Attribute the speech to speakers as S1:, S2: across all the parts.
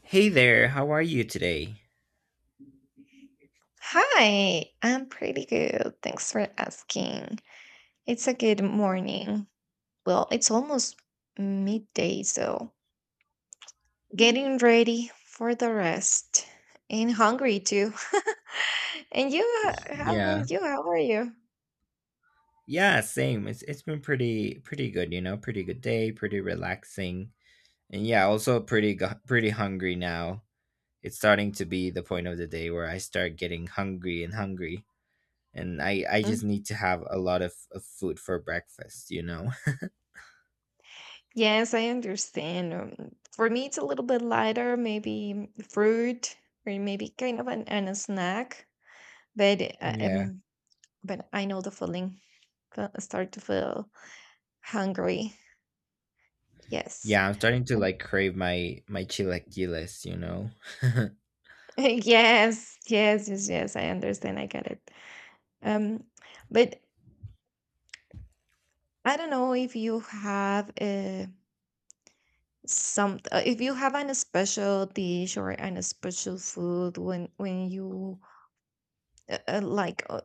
S1: Hey there, how are you today?
S2: Hi, I'm pretty good. Thanks for asking. It's a good morning. Well, it's almost midday, so getting ready for the rest and hungry too. And you, how
S1: Yeah.
S2: about you? How are you?
S1: Yeah, same. It's been pretty good, you know, pretty good day, pretty relaxing. And yeah, also pretty hungry now. It's starting to be the point of the day where I start getting hungry and hungry. And I
S2: Mm.
S1: just need to have a lot of food for breakfast,
S2: Yes, I understand. For me, it's a little bit lighter, maybe fruit or maybe kind of and a snack. But uh,
S1: Yeah.
S2: um, but I know the feeling. Start to feel hungry. Yes.
S1: Yeah, I'm starting to
S2: Um,
S1: like crave my chilaquiles,
S2: yes, yes, yes, yes, I understand. I get it. Um, but I don't know if you have some, if you have an special dish or an special food when you uh, uh, like uh,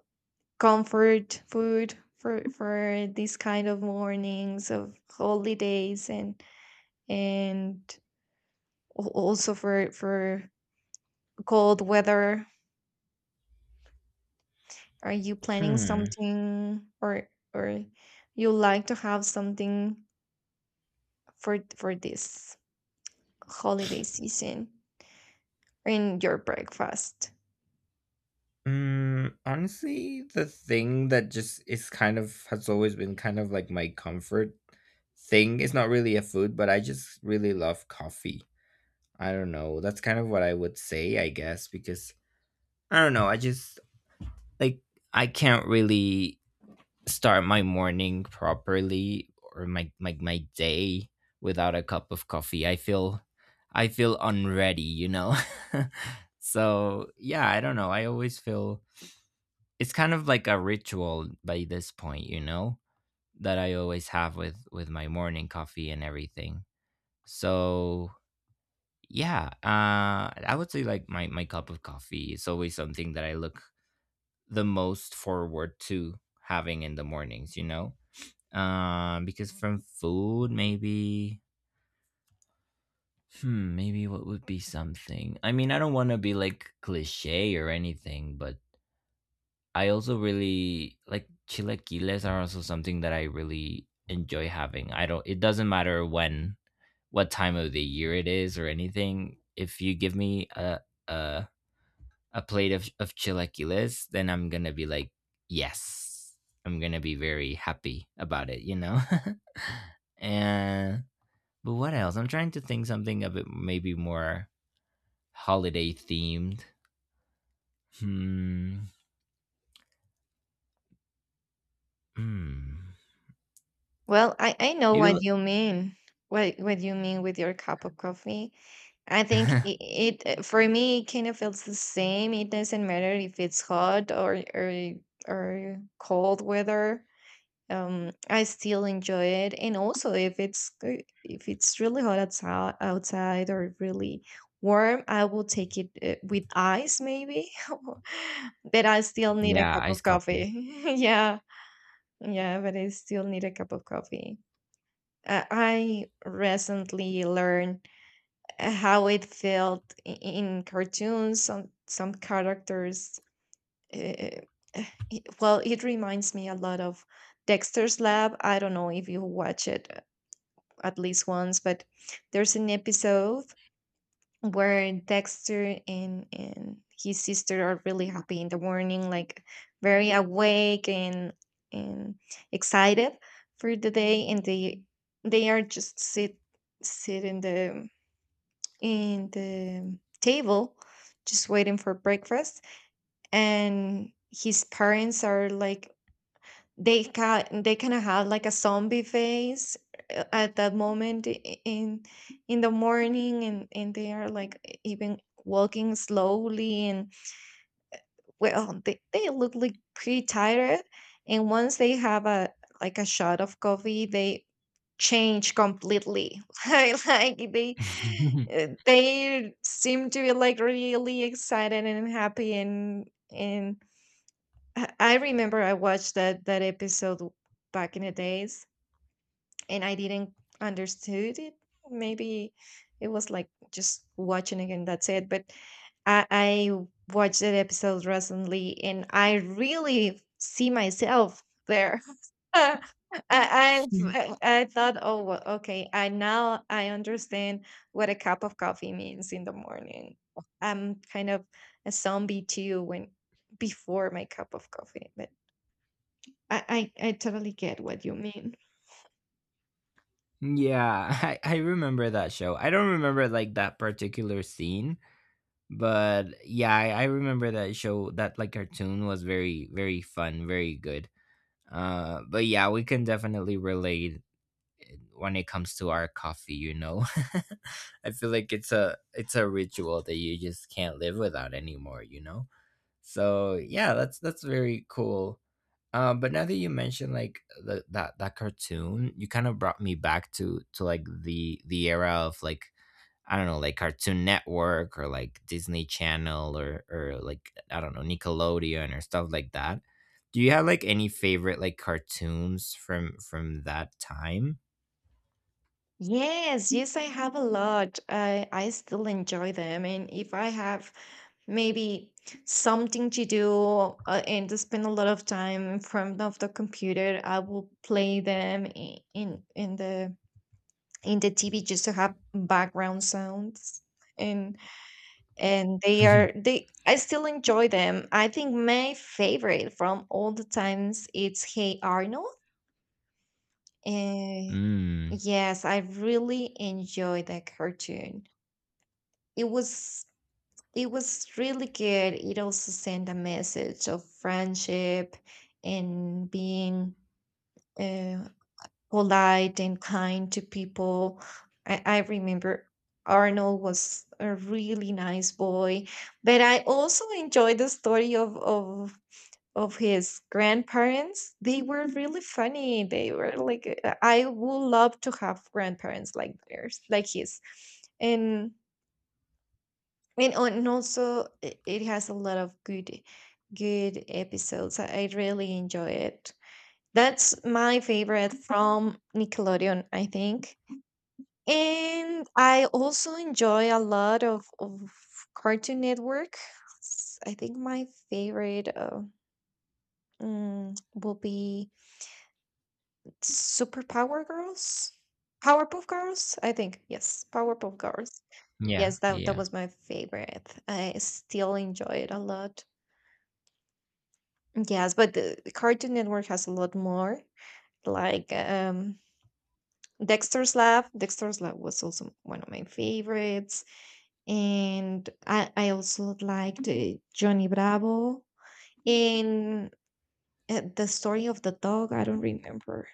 S2: comfort food for these kind of mornings of holidays and and also for cold weather. Are you planning
S1: Hmm.
S2: something, or you like to have something for this holiday season in your breakfast?
S1: Mm, honestly, the thing that just is kind of has always been kind of like my comfort thing. It's not really a food, but I just really love coffee. I don't know. That's kind of what I would say, I guess, because I don't know. I just like I can't really start my morning properly or my day without a cup of coffee. I feel unready, So yeah, I don't know. I always feel it's kind of like a ritual by this point, that I always have with my morning coffee and everything. So yeah, I would say like my cup of coffee is always something that I look the most forward to having in the mornings, because from food maybe. Hmm, maybe what would be something? I mean, I don't want to be like cliche or anything, but I also really like chilaquiles are also something that I really enjoy having. I don't it doesn't matter when what time of the year it is or anything. If you give me a, a plate of chilaquiles, then I'm gonna be like, yes. I'm gonna be very happy about it, you know? And but what else? I'm trying to think something a bit maybe more holiday themed. Hmm. Hmm.
S2: Well, I know
S1: Maybe l-
S2: what you mean. What you mean with your cup of coffee? I think it for me it kind of feels the same. It doesn't matter if it's hot or or cold weather. Um, I still enjoy it, and also if it's if it's really hot outside or really warm, I will take it with ice maybe. But I still need a
S1: Yeah,
S2: cup of
S1: iced coffee.
S2: coffee. Yeah. Yeah, but I still need a cup of coffee. Uh, I recently learned how it felt in cartoons some characters. uh, well, it reminds me a lot of Dexter's Lab. I don't know if you watch it at least once, but there's an episode where Dexter and his sister are really happy in the morning, like very awake and and excited for the day, and they are just sit in the table, just waiting for breakfast, and his parents are like... they kinda have like a zombie face at that moment, in the morning, and they are like even walking slowly and, well, they look like pretty tired, and once they have a like a shot of coffee they change completely. like, like they they seem to be like really excited and happy, and and I remember I watched that episode back in the days and I didn't understood it. Maybe it was like just watching again, that's it. But I watched that episode recently and I really see myself there. I, I thought, oh, well, okay, I now I understand what a cup of coffee means in the morning. I'm kind of a zombie too when before my cup of coffee, but I totally get what you mean.
S1: Yeah, I remember that show. I don't remember like that particular scene, but yeah, I remember that show. That like cartoon was very fun, very good. But yeah, we can definitely relate when it comes to our coffee. You know, I feel like it's a ritual that you just can't live without anymore. You know, so yeah, that's very cool. But now that you mentioned like that that cartoon, you kind of brought me back to like the era of like I don't know, like Cartoon Network or like Disney Channel or like I don't know Nickelodeon or stuff like that. Do you have like any favorite like cartoons from that time?
S2: Yes, yes, I have a lot. I still enjoy them, and if I have maybe something to do and to spend a lot of time in front of the computer, I will play them in the TV, just to have background sounds, and they are... they I still enjoy them. I think my favorite from all the times, it's Hey Arnold. And
S1: Mm,
S2: yes, I really enjoyed that cartoon. it was it was really good. It also sent a message of friendship and being uh, polite and kind to people. I remember Arnold was a really nice boy, but I also enjoyed the story of his grandparents. They were really funny. They were like, I would love to have grandparents like theirs, like his. And and also it has a lot of good episodes. I really enjoy it. That's my favorite from Nickelodeon, I think. And I also enjoy a lot of Cartoon Network. I think my favorite will be Super Power Girls, Powerpuff Girls. I think yes, Powerpuff Girls.
S1: yeah,
S2: Yes,
S1: yeah.
S2: that
S1: Yeah.
S2: was my favorite. I still enjoy it a lot. Yes, but the Cartoon Network has a lot more, like, Dexter's Lab. Dexter's Lab was also one of my favorites, and I also liked Johnny Bravo, and the story of the dog. I don't remember.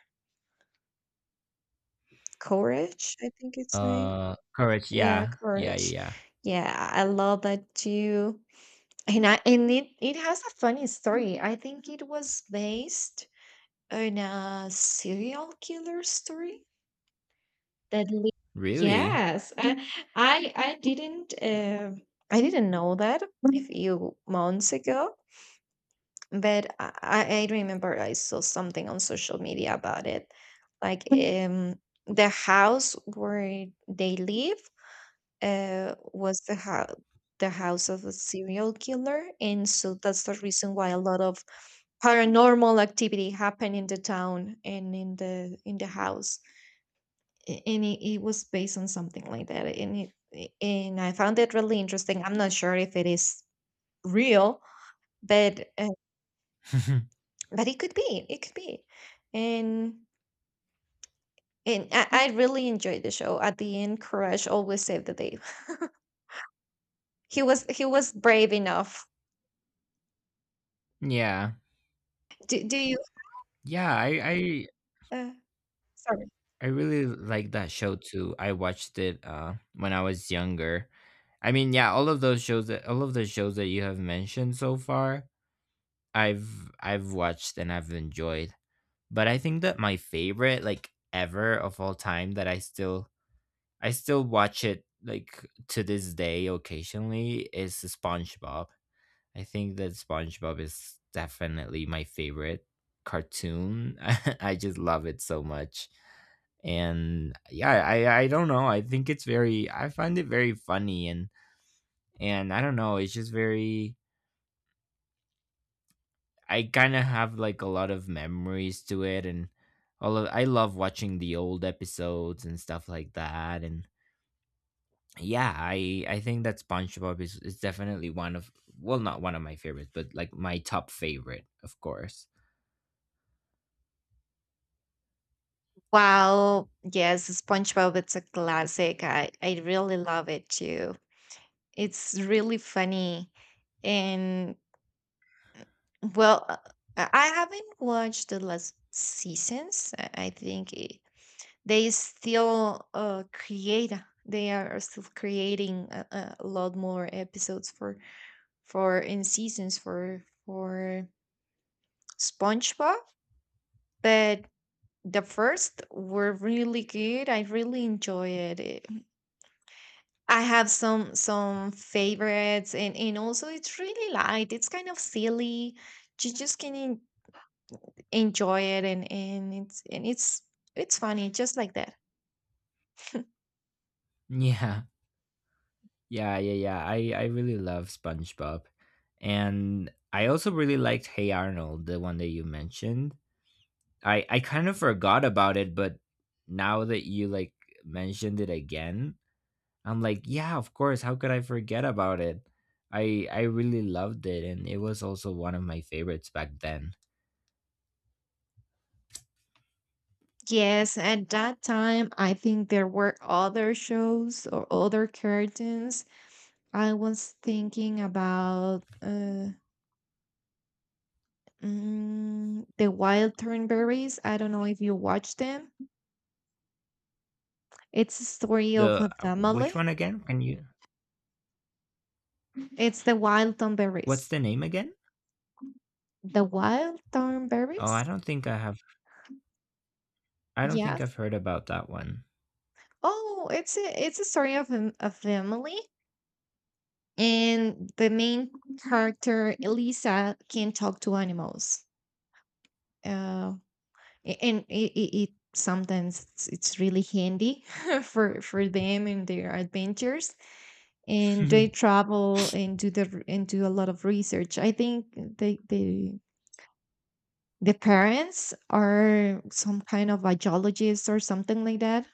S2: Courage, I think its name.
S1: Courage.
S2: Yeah,
S1: Yeah, yeah,
S2: Courage.
S1: yeah.
S2: Yeah, I love that too. And it has a funny story. I think it was based on a serial killer story. that. li-
S1: Really?
S2: Yes, I didn't. I didn't know that a few months ago. But I remember I saw something on social media about it. Like, the house where they live was the house... the house of a serial killer, and so that's the reason why a lot of paranormal activity happened in the town and in the house. And it was based on something like that, and I found it really interesting. I'm not sure if it is real, but but it could be, it could be. And I really enjoyed the show. At the end, Courage always saved the day. He was brave enough.
S1: Yeah.
S2: Do, do you
S1: Yeah, I I
S2: uh, Sorry.
S1: I really like that show too. I watched it when I was younger. I mean, yeah, all of the shows that you have mentioned so far, I've watched and I've enjoyed. But I think that my favorite like ever of all time that I still watch it like to this day occasionally is SpongeBob. I think that SpongeBob is definitely my favorite cartoon. I just love it so much. And yeah, I don't know, I think it's very I find it very funny and I don't know, it's just very I kind of have like a lot of memories to it and all of I love watching the old episodes and stuff like that, and yeah, I think that spongebob is definitely one of well, not one of my favorites but like my top favorite of course.
S2: Wow, yes, SpongeBob, it's a classic. I really love it too. It's really funny. And, well, I haven't watched the last seasons. I think they still create they are still creating a lot more episodes for in seasons for SpongeBob, but the first were really good. I really enjoy it. I have some favorites, and also it's really light, it's kind of silly. You just can enjoy it, and it's funny just like that.
S1: yeah yeah yeah, I really love spongebob. And I also really liked Hey Arnold, the one that you mentioned. I kind of forgot about it, but now that you like mentioned it again, I'm like, yeah, of course. How could I forget about it? I really loved it, and it was also one of my favorites back then.
S2: Yes, at that time, I think there were other shows or other curtains. I was thinking about the Wild Thornberries. I don't know if you watch them. It's a story of
S1: The
S2: a
S1: which
S2: family.
S1: one again? Can you?
S2: It's the Wild
S1: What's
S2: Thornberries.
S1: the name again?
S2: The Wild
S1: Oh, I
S2: Thornberries?
S1: don't think I have. I don't think I've
S2: Yes.
S1: heard about that one.
S2: Oh, it's a story of a family, and the main character Elisa can talk to animals. Uh, and it sometimes, it's really handy for them and their adventures. And they travel and do a lot of research. I think they they the parents are some kind of a geologist or something like that,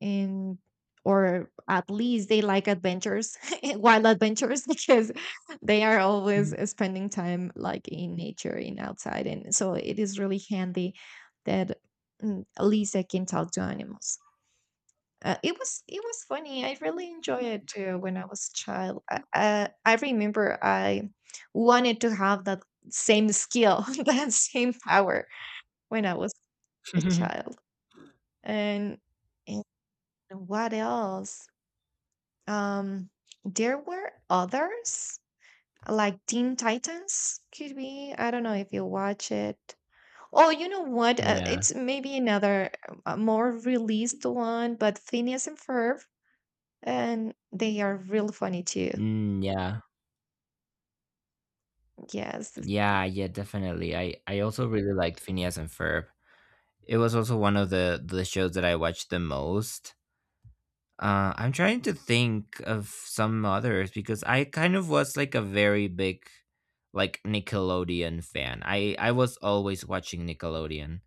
S2: and, or at least they like adventures. Wild adventures, because they are always, eh, spending time like in nature, in outside, and so it is really handy that, mm, at least I can talk to animals. Uh, it was funny. I really enjoyed it too when I was a child. I remember I wanted to have that same skill, that same power, when I was a child. And and what else? Um, there were others, like Teen Titans could be. I don't know if you watch it. Oh, you know what?
S1: Yeah.
S2: It's maybe another more released one, but Phineas and Ferb, and they are real funny too.
S1: Mm, yeah.
S2: Yes,
S1: Yeah, yeah, definitely. I also really liked Phineas and Ferb. It was also one of the shows that I watched the most. I'm trying to think of some others because I kind of was like a very big like Nickelodeon fan. I was always watching Nickelodeon,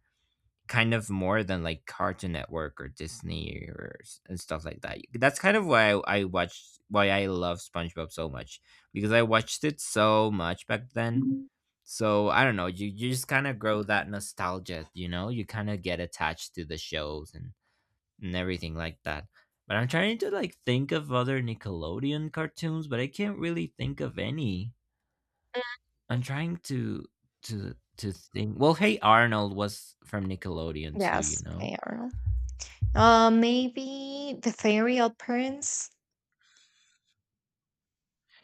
S1: kind of more than like Cartoon Network or Disney and stuff like that. That's kind of why I watched why I love SpongeBob so much because I watched it so much back then. So I don't know, you just kind of grow that nostalgia, you know? You kind of get attached to the shows and everything like that. But I'm trying to like think of other Nickelodeon cartoons, but I can't really think of any. I'm trying to to think. Well, Hey Arnold was from Nickelodeon too, you
S2: yes,
S1: know.
S2: Hey Arnold. Maybe the Fairy Odd Parents.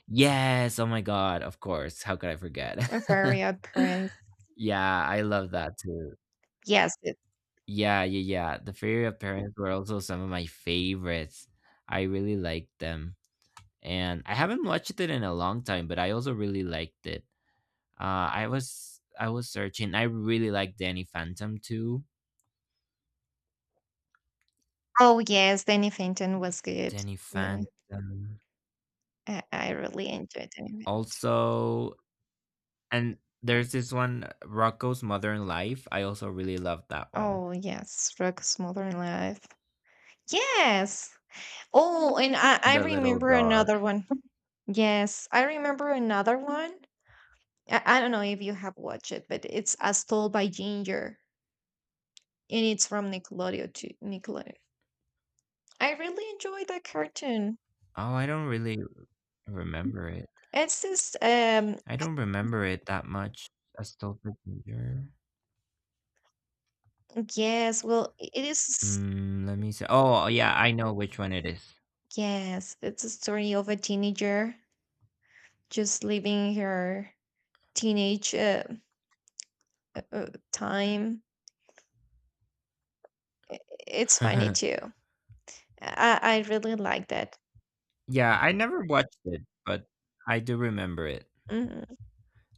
S1: Yes, oh my god, of course. How could I forget?
S2: The Fairy Odd Parents.
S1: Yeah, I love that too.
S2: Yes. It...
S1: Yeah, yeah, yeah. The Fairy of Parents were also some of my favorites. I really liked them. And I haven't watched it in a long time, but I also really liked it. I was searching. I really like Danny Phantom too.
S2: oh, yes. Danny Fenton was good
S1: Danny
S2: too.
S1: Phantom.
S2: I really enjoyed Danny Fenton.
S1: Also, and there's this one, Rocco's Modern Life. I also really love that one.
S2: Oh, yes, Rock's Modern Life. Yes. Oh, and I
S1: The little
S2: remember
S1: dog.
S2: another one. Yes, I remember another one. I don't know if you have watched it, but it's As Told by Ginger, and it's from Nickelodeon. I really enjoy that cartoon.
S1: Oh, I don't really remember it.
S2: It's this,
S1: I don't remember it that much. A Stolper Ginger.
S2: yes, well, it is,
S1: Mm, let me see. Oh, yeah, I know which one it is.
S2: yes, it's a story of a teenager just living her teenage uh, uh, time. I- It's funny too. I really like that.
S1: Yeah, I never watched it, but I do remember it.
S2: Mhm.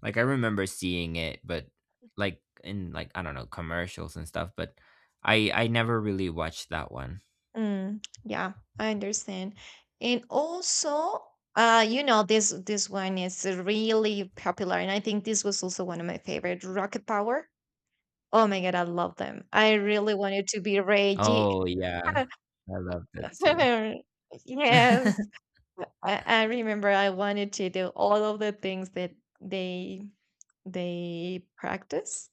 S1: Like I remember seeing it, but like in like I don't know commercials and stuff, but I never really watched that one.
S2: Mm, yeah, I understand. And also, you know, this one is really popular, and I think this was also one of my favorite. Rocket Power. Oh my god, I love them. I really wanted to be Reggie.
S1: Oh yeah, I loved it too.
S2: Yes, I remember I wanted to do all of the things that they they practice,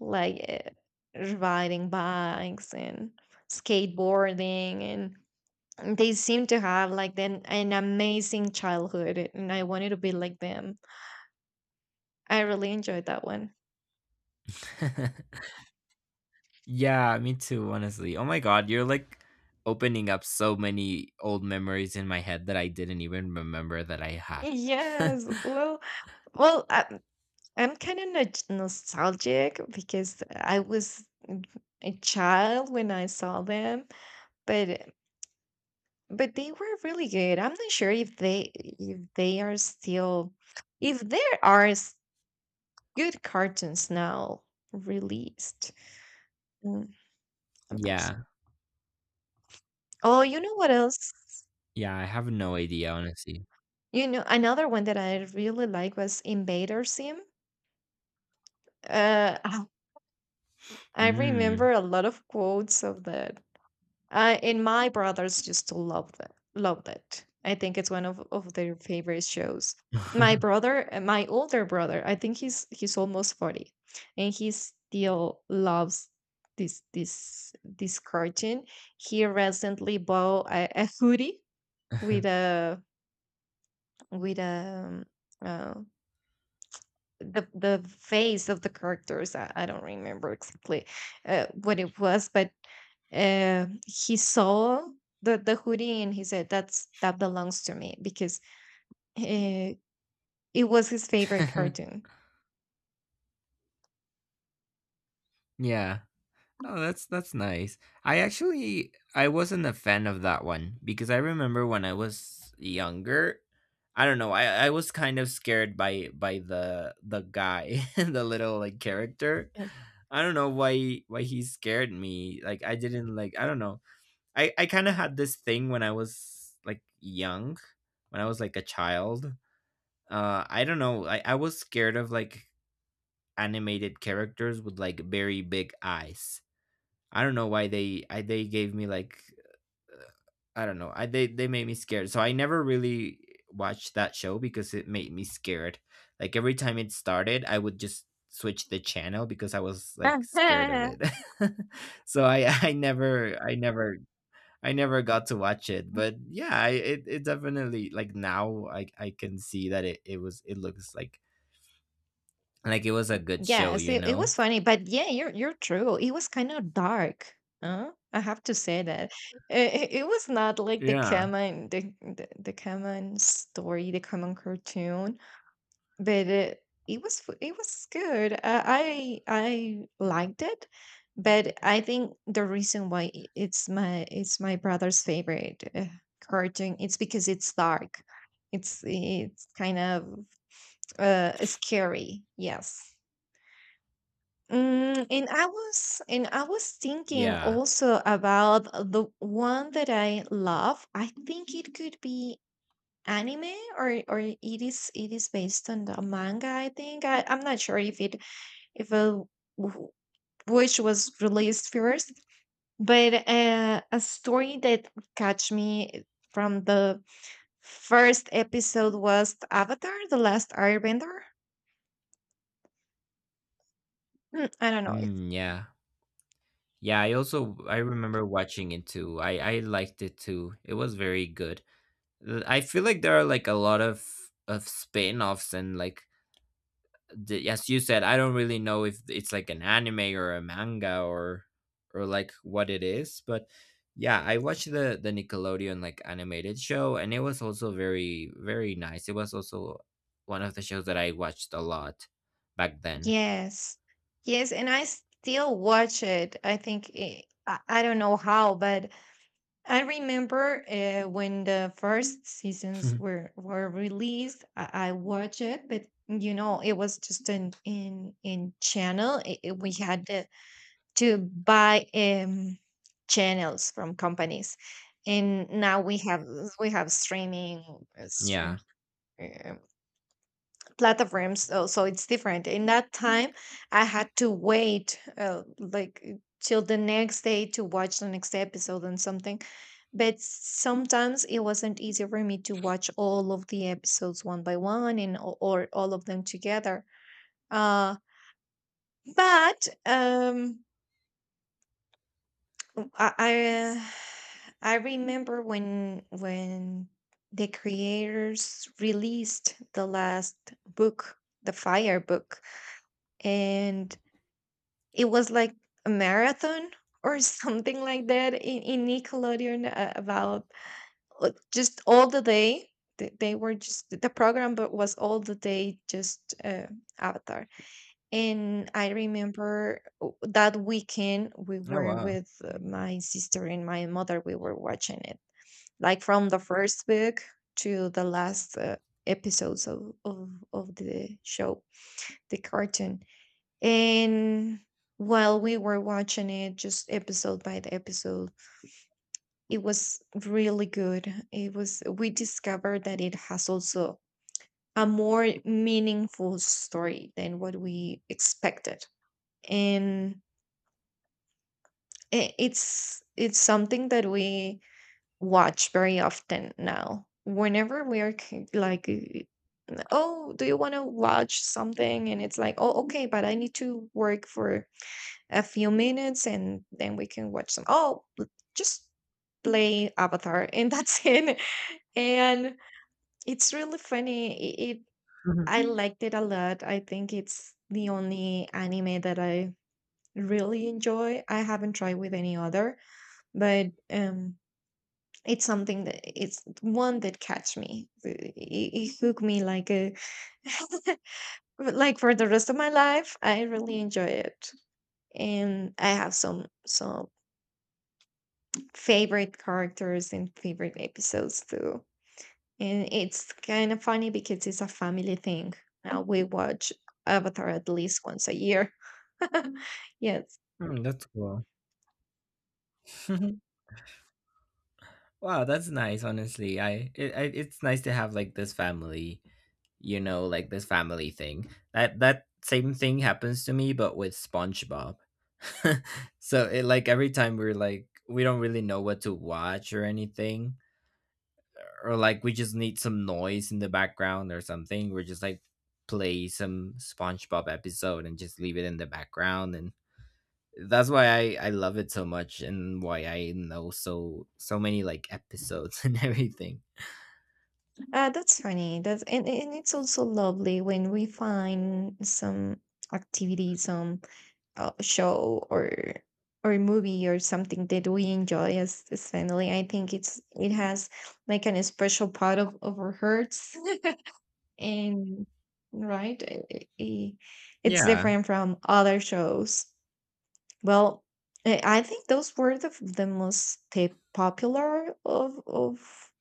S2: like, riding bikes and skateboarding, and they seem to have like an amazing childhood, and I wanted to be like them. I really enjoyed that one.
S1: Yeah, me too, honestly. Oh my God, you're like opening up so many old memories in my head that I didn't even remember that I had.
S2: Yes, well, well i'm, I'm kind of nostalgic because I was a child when I saw them, but they were really good. I'm not sure if they are still, if there are good cartoons now released. Mm, I'm not...
S1: Yeah,
S2: Oh, you know what else?
S1: yeah, I have no idea, honestly.
S2: You know, another one that I really like was Invader Sim. Uh, I I
S1: Mm.
S2: remember a lot of quotes of that. And my brothers just loved it. Loved it. I think it's one of their favorite shows. My brother, my older brother, I think he's almost 40, and he still loves this cartoon. He recently bought a hoodie with a with a um, uh, the face of the characters. I don't remember exactly what it was, but he saw the hoodie and he said, "That's that belongs to me," because uh, it was his favorite cartoon.
S1: Yeah. Oh, that's nice. I actually I wasn't a fan of that one because I remember when I was younger, I don't know, I was kind of scared by the guy, the little like character.
S2: Yes.
S1: I don't know why he scared me. Like I didn't like I don't know. I kind of had this thing when I was like young, when I was like a child. I don't know. I was scared of like animated characters with like very big eyes. I don't know why they they gave me like uh, I don't know. I they made me scared. So I never really watched that show because it made me scared. Like every time it started, I would just switch the channel because I was like scared of it. So I never got to watch it. But yeah, it it definitely like now I can see that it was it looks like it was a good show,
S2: Yes,
S1: you
S2: it
S1: know.
S2: was funny, but yeah, you're true. It was kind of dark. Huh? I have to say that it was not like the
S1: Yeah.
S2: common the common story, the common cartoon. But it was f it was good. I I liked it, but I think the reason why it's my brother's favorite cartoon it's because it's dark. It's kind of scary. Yes. And I was thinking
S1: Yeah.
S2: also about the one that I love. I think it could be anime or it is based on the manga, I think. I'm not sure if it if a w- which was released first, but a story that catch me from the first episode was Avatar: The Last Airbender. Hmm, I don't know if.
S1: Mm, yeah. Yeah, I remember watching it too. I liked it too. It was very good. I feel like there are like a lot of spin-offs and like as you said, I don't really know if it's like an anime or a manga or like what it is, but yeah, I watched the Nickelodeon like animated show and it was also very nice. It was also one of the shows that I watched a lot back then.
S2: Yes. Yes, and I still watch it. I don't know how, but I remember when the first seasons were released. I watched it, but you know, it was just an in channel. We had to buy channels from companies, and now we have streaming streaming
S1: Yeah.
S2: platforms so, so it's different in that time. I had to wait till the next day to watch the next episode and something, but sometimes it wasn't easy for me to watch all of the episodes one by one and or all of them together. uh but um i i, uh, I remember when the creators released the last book, the fire book, and it was like a marathon or something like that in Nickelodeon about just all the day. They were just the program, but was all the day just Avatar. And I remember that weekend we
S1: Oh
S2: were
S1: wow.
S2: with my sister and my mother. We were watching it, like from the first book to the last episodes of the show, the cartoon, and while we were watching it, just episode by the episode, it was really good. We discovered that it has also a more meaningful story than what we expected. And it's something that we watch very often now. Whenever we are like, oh, do you want to watch something? And it's like, oh, okay, but I need to work for a few minutes and then we can watch some oh l- just play Avatar and that's it. And it's really funny. It I liked it a lot. I think it's the only anime that I really enjoy. I haven't tried with any other, but it's something that it's one that catch me. It hooked me like a like for the rest of my life. I really enjoy it, and I have some favorite characters and favorite episodes too. And it's kind of funny because it's a family thing. We watch Avatar at least once a year. Yes.
S1: Hmm, that's cool. Wow, that's nice. Honestly, I it's nice to have like this family, you know, like this family thing. That same thing happens to me, but with SpongeBob. So it like every time we're like we don't really know what to watch or anything, or like we just need some noise in the background or something. We're just like play some SpongeBob episode and just leave it in the background, and that's why I love it so much and why I know so so many like episodes and everything.
S2: That's funny. That's And it's also lovely when we find some activity, some show or movie or something that we enjoy as family. I think it has like an special part of our hearts. And right, it's
S1: Yeah.
S2: different from other shows. Well, I think those were the popular of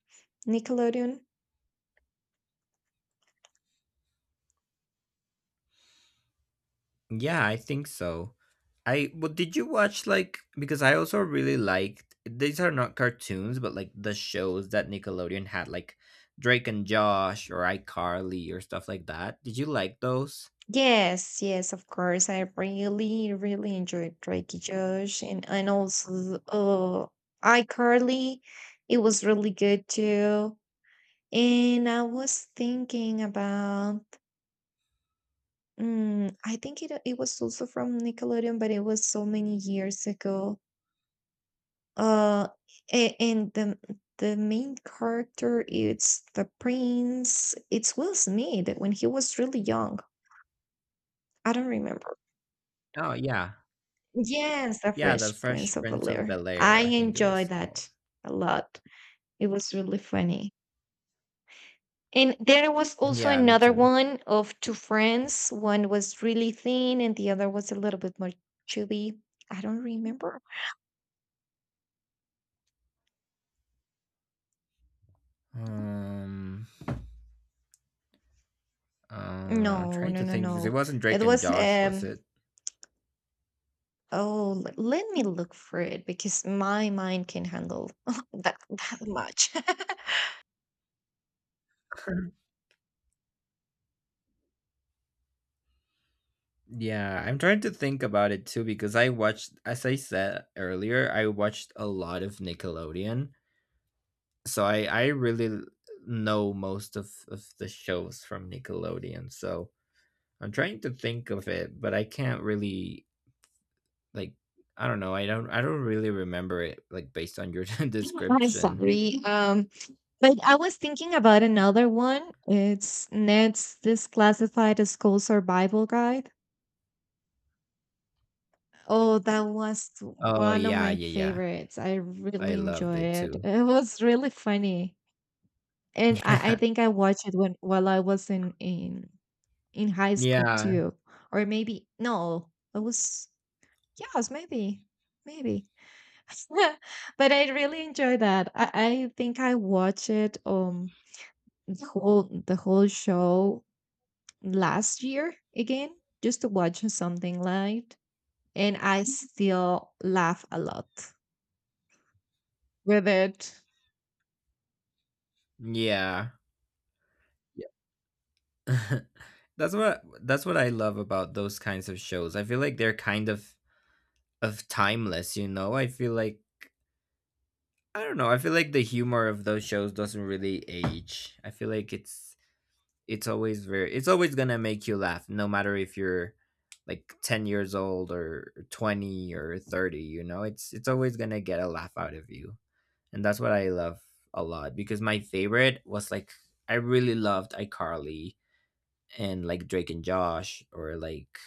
S2: Nickelodeon.
S1: Yeah, I think so. I well did you watch like because I also really liked these are not cartoons, but like the shows that Nickelodeon had like Drake and Josh or iCarly or stuff like that. Did you like those?
S2: Yes, yes, of course, I really really enjoyed Drake and Josh, and also iCarly. It was really good too. And I was thinking about. Mm, I think it it was also from Nickelodeon, but it was so many years ago. Uh, and the main character, it's the prince. It's Will Smith when he was really young. I don't remember.
S1: Oh yeah.
S2: Yes, the
S1: Yeah, the
S2: Fresh Prince
S1: Fresh
S2: of
S1: Prince of
S2: Bel-Air.
S1: Bel
S2: I
S1: Air, I think it was
S2: enjoyed
S1: called.
S2: that a lot. It was really funny. And there was also
S1: Yeah, me
S2: another
S1: too.
S2: one of two friends. One was really thin, and the other was a little bit more chubby. I don't remember.
S1: Um, I'm
S2: No,
S1: trying
S2: no,
S1: to
S2: no,
S1: think because it
S2: no.
S1: wasn't Drake
S2: It
S1: and
S2: was
S1: Josh, was it?
S2: oh let me look for it because my mind can handle that much.
S1: Yeah, I'm trying to think about it too because I watched, as I said earlier, I watched a lot of Nickelodeon. So I I really l- know most of the shows from Nickelodeon. So I'm trying to think of it, but I can't really like I don't know. I don't really remember it like based on your
S2: I'm
S1: description.
S2: sorry. But I was thinking about another one. It's Ned's this classified school survival guide. Oh, that was
S1: Oh
S2: one of
S1: yeah,
S2: my
S1: yeah, yeah.
S2: favorites. I
S1: I
S2: really
S1: loved
S2: enjoyed
S1: it
S2: it.
S1: too.
S2: It was really funny. And I think I watched it when while I was in high school
S1: Yeah.
S2: too, or maybe no, it was yes, maybe, maybe. But I really enjoy that. I think I watched it the whole show last year again, just to watch something light, and I still laugh a lot with it.
S1: Yeah. Yeah. That's what I love about those kinds of shows. I feel like they're kind of timeless, you know. I feel like I don't know. I feel like the humor of those shows doesn't really age. I feel like it's always very it's always gonna make you laugh, no matter if you're like 10 years old or 20 or 30. You know, it's always gonna get a laugh out of you, and that's what I love a lot. Because my favorite was like I really loved iCarly and like Drake and Josh, or like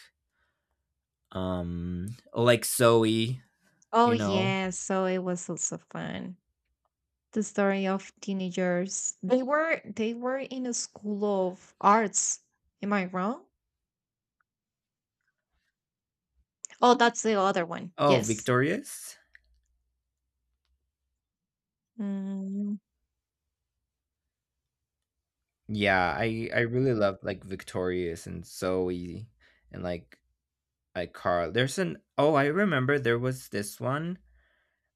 S1: um like zoe,
S2: Oh
S1: you know.
S2: yeah, so it was also fun. The story of teenagers. They were in a school of arts. Am I wrong? Oh, that's the other one.
S1: Oh,
S2: Yes.
S1: victorious,
S2: Mm,
S1: yeah, I really love like victorious and zoe and like carl. There's an, I remember there was this one.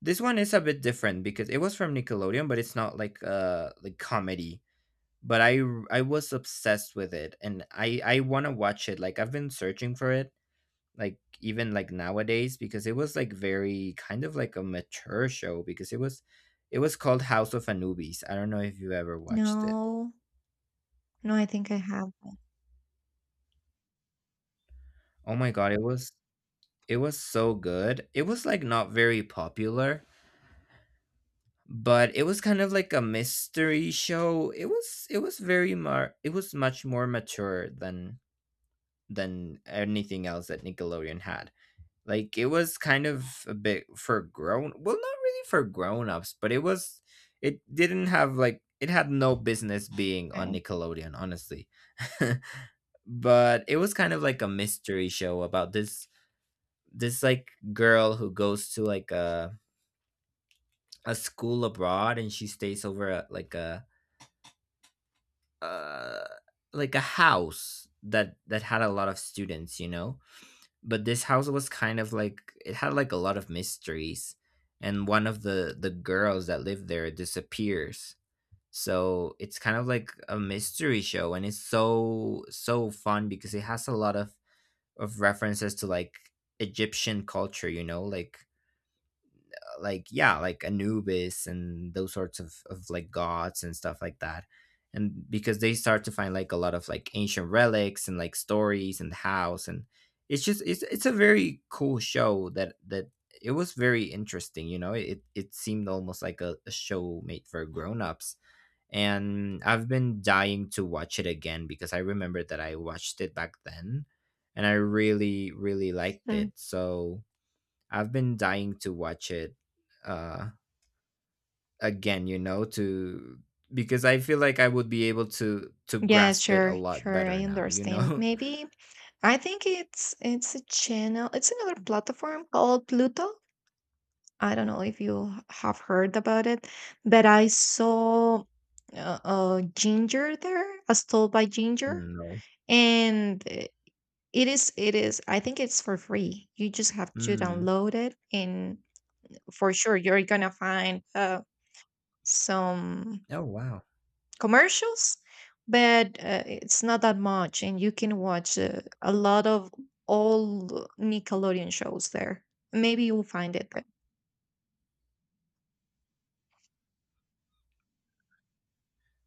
S1: This one is a bit different because it was from nickelodeon, but it's not like comedy. But I was obsessed with it, and I want to watch it. Like I've been searching for it, like even like nowadays, because it was like very kind of like a mature show. Because it was It was called House of Anubis. I don't know if you ever watched it.
S2: no, no, I think I have. That.
S1: Oh my god, it was so good. It was like not very popular, but it was kind of like a mystery show. It was very mar it was much more mature than anything else that Nickelodeon had. Like it was kind of a bit for grown well, not really for grown-ups, but it was it didn't have like it had no business being on
S2: Okay.
S1: Nickelodeon, honestly. But it was kind of like a mystery show about this like girl who goes to like a school abroad, and she stays over at like a uh a house that had a lot of students, you know? But this house was kind of like it had like a lot of mysteries, and one of the girls that live there disappears. So it's kind of like a mystery show, and it's so so fun because it has a lot of references to like egyptian culture, you know, like yeah like anubis and those sorts of like gods and stuff like that. And because they start to find like a lot of like ancient relics and like stories and the house, and it's just it's a very cool show that it was very interesting. You know, it seemed almost like a show made for grown-ups, and I've been dying to watch it again because I remember that I watched it back then, and I really really liked
S2: Mm.
S1: it. So I've been dying to watch it uh again, you know, to because I feel like I would be able to
S2: Yeah,
S1: grasp it a
S2: sure,
S1: lot
S2: sure. I
S1: better now, you
S2: understand.
S1: know.
S2: Maybe I think it's a channel. It's another platform called Pluto. I don't know if you have heard about it, but I saw Ginger there, as told by Ginger,
S1: No.
S2: and it is. I think it's for free. You just have to
S1: Mm.
S2: download it, and for sure you're gonna find some
S1: Oh, wow.
S2: commercials, but it's not that much, and you can watch a lot of old Nickelodeon shows there. Maybe you'll find it there.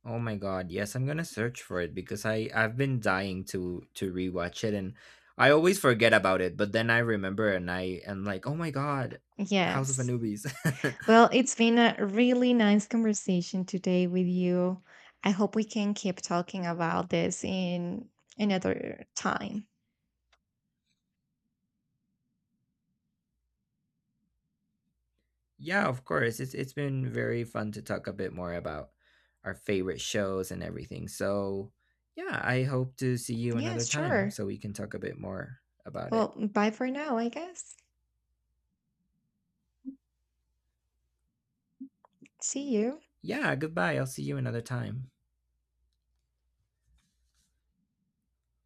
S1: Oh my god, yes, I'm gonna search for it because I've been dying to rewatch it, and I always forget about it, but then I remember and I am like, oh my god, House of
S2: Yes.
S1: Anubis.
S2: Well, it's been a really nice conversation today with you. I hope we can keep talking about this in another time.
S1: Yeah, of course. It's been very fun to talk a bit more about our favorite shows and everything. So yeah, I hope to see you another
S2: Yes,
S1: time
S2: sure.
S1: so we can talk a bit more about
S2: Well,
S1: it.
S2: bye for now, I guess. See you.
S1: Yeah, goodbye. I'll see you another time.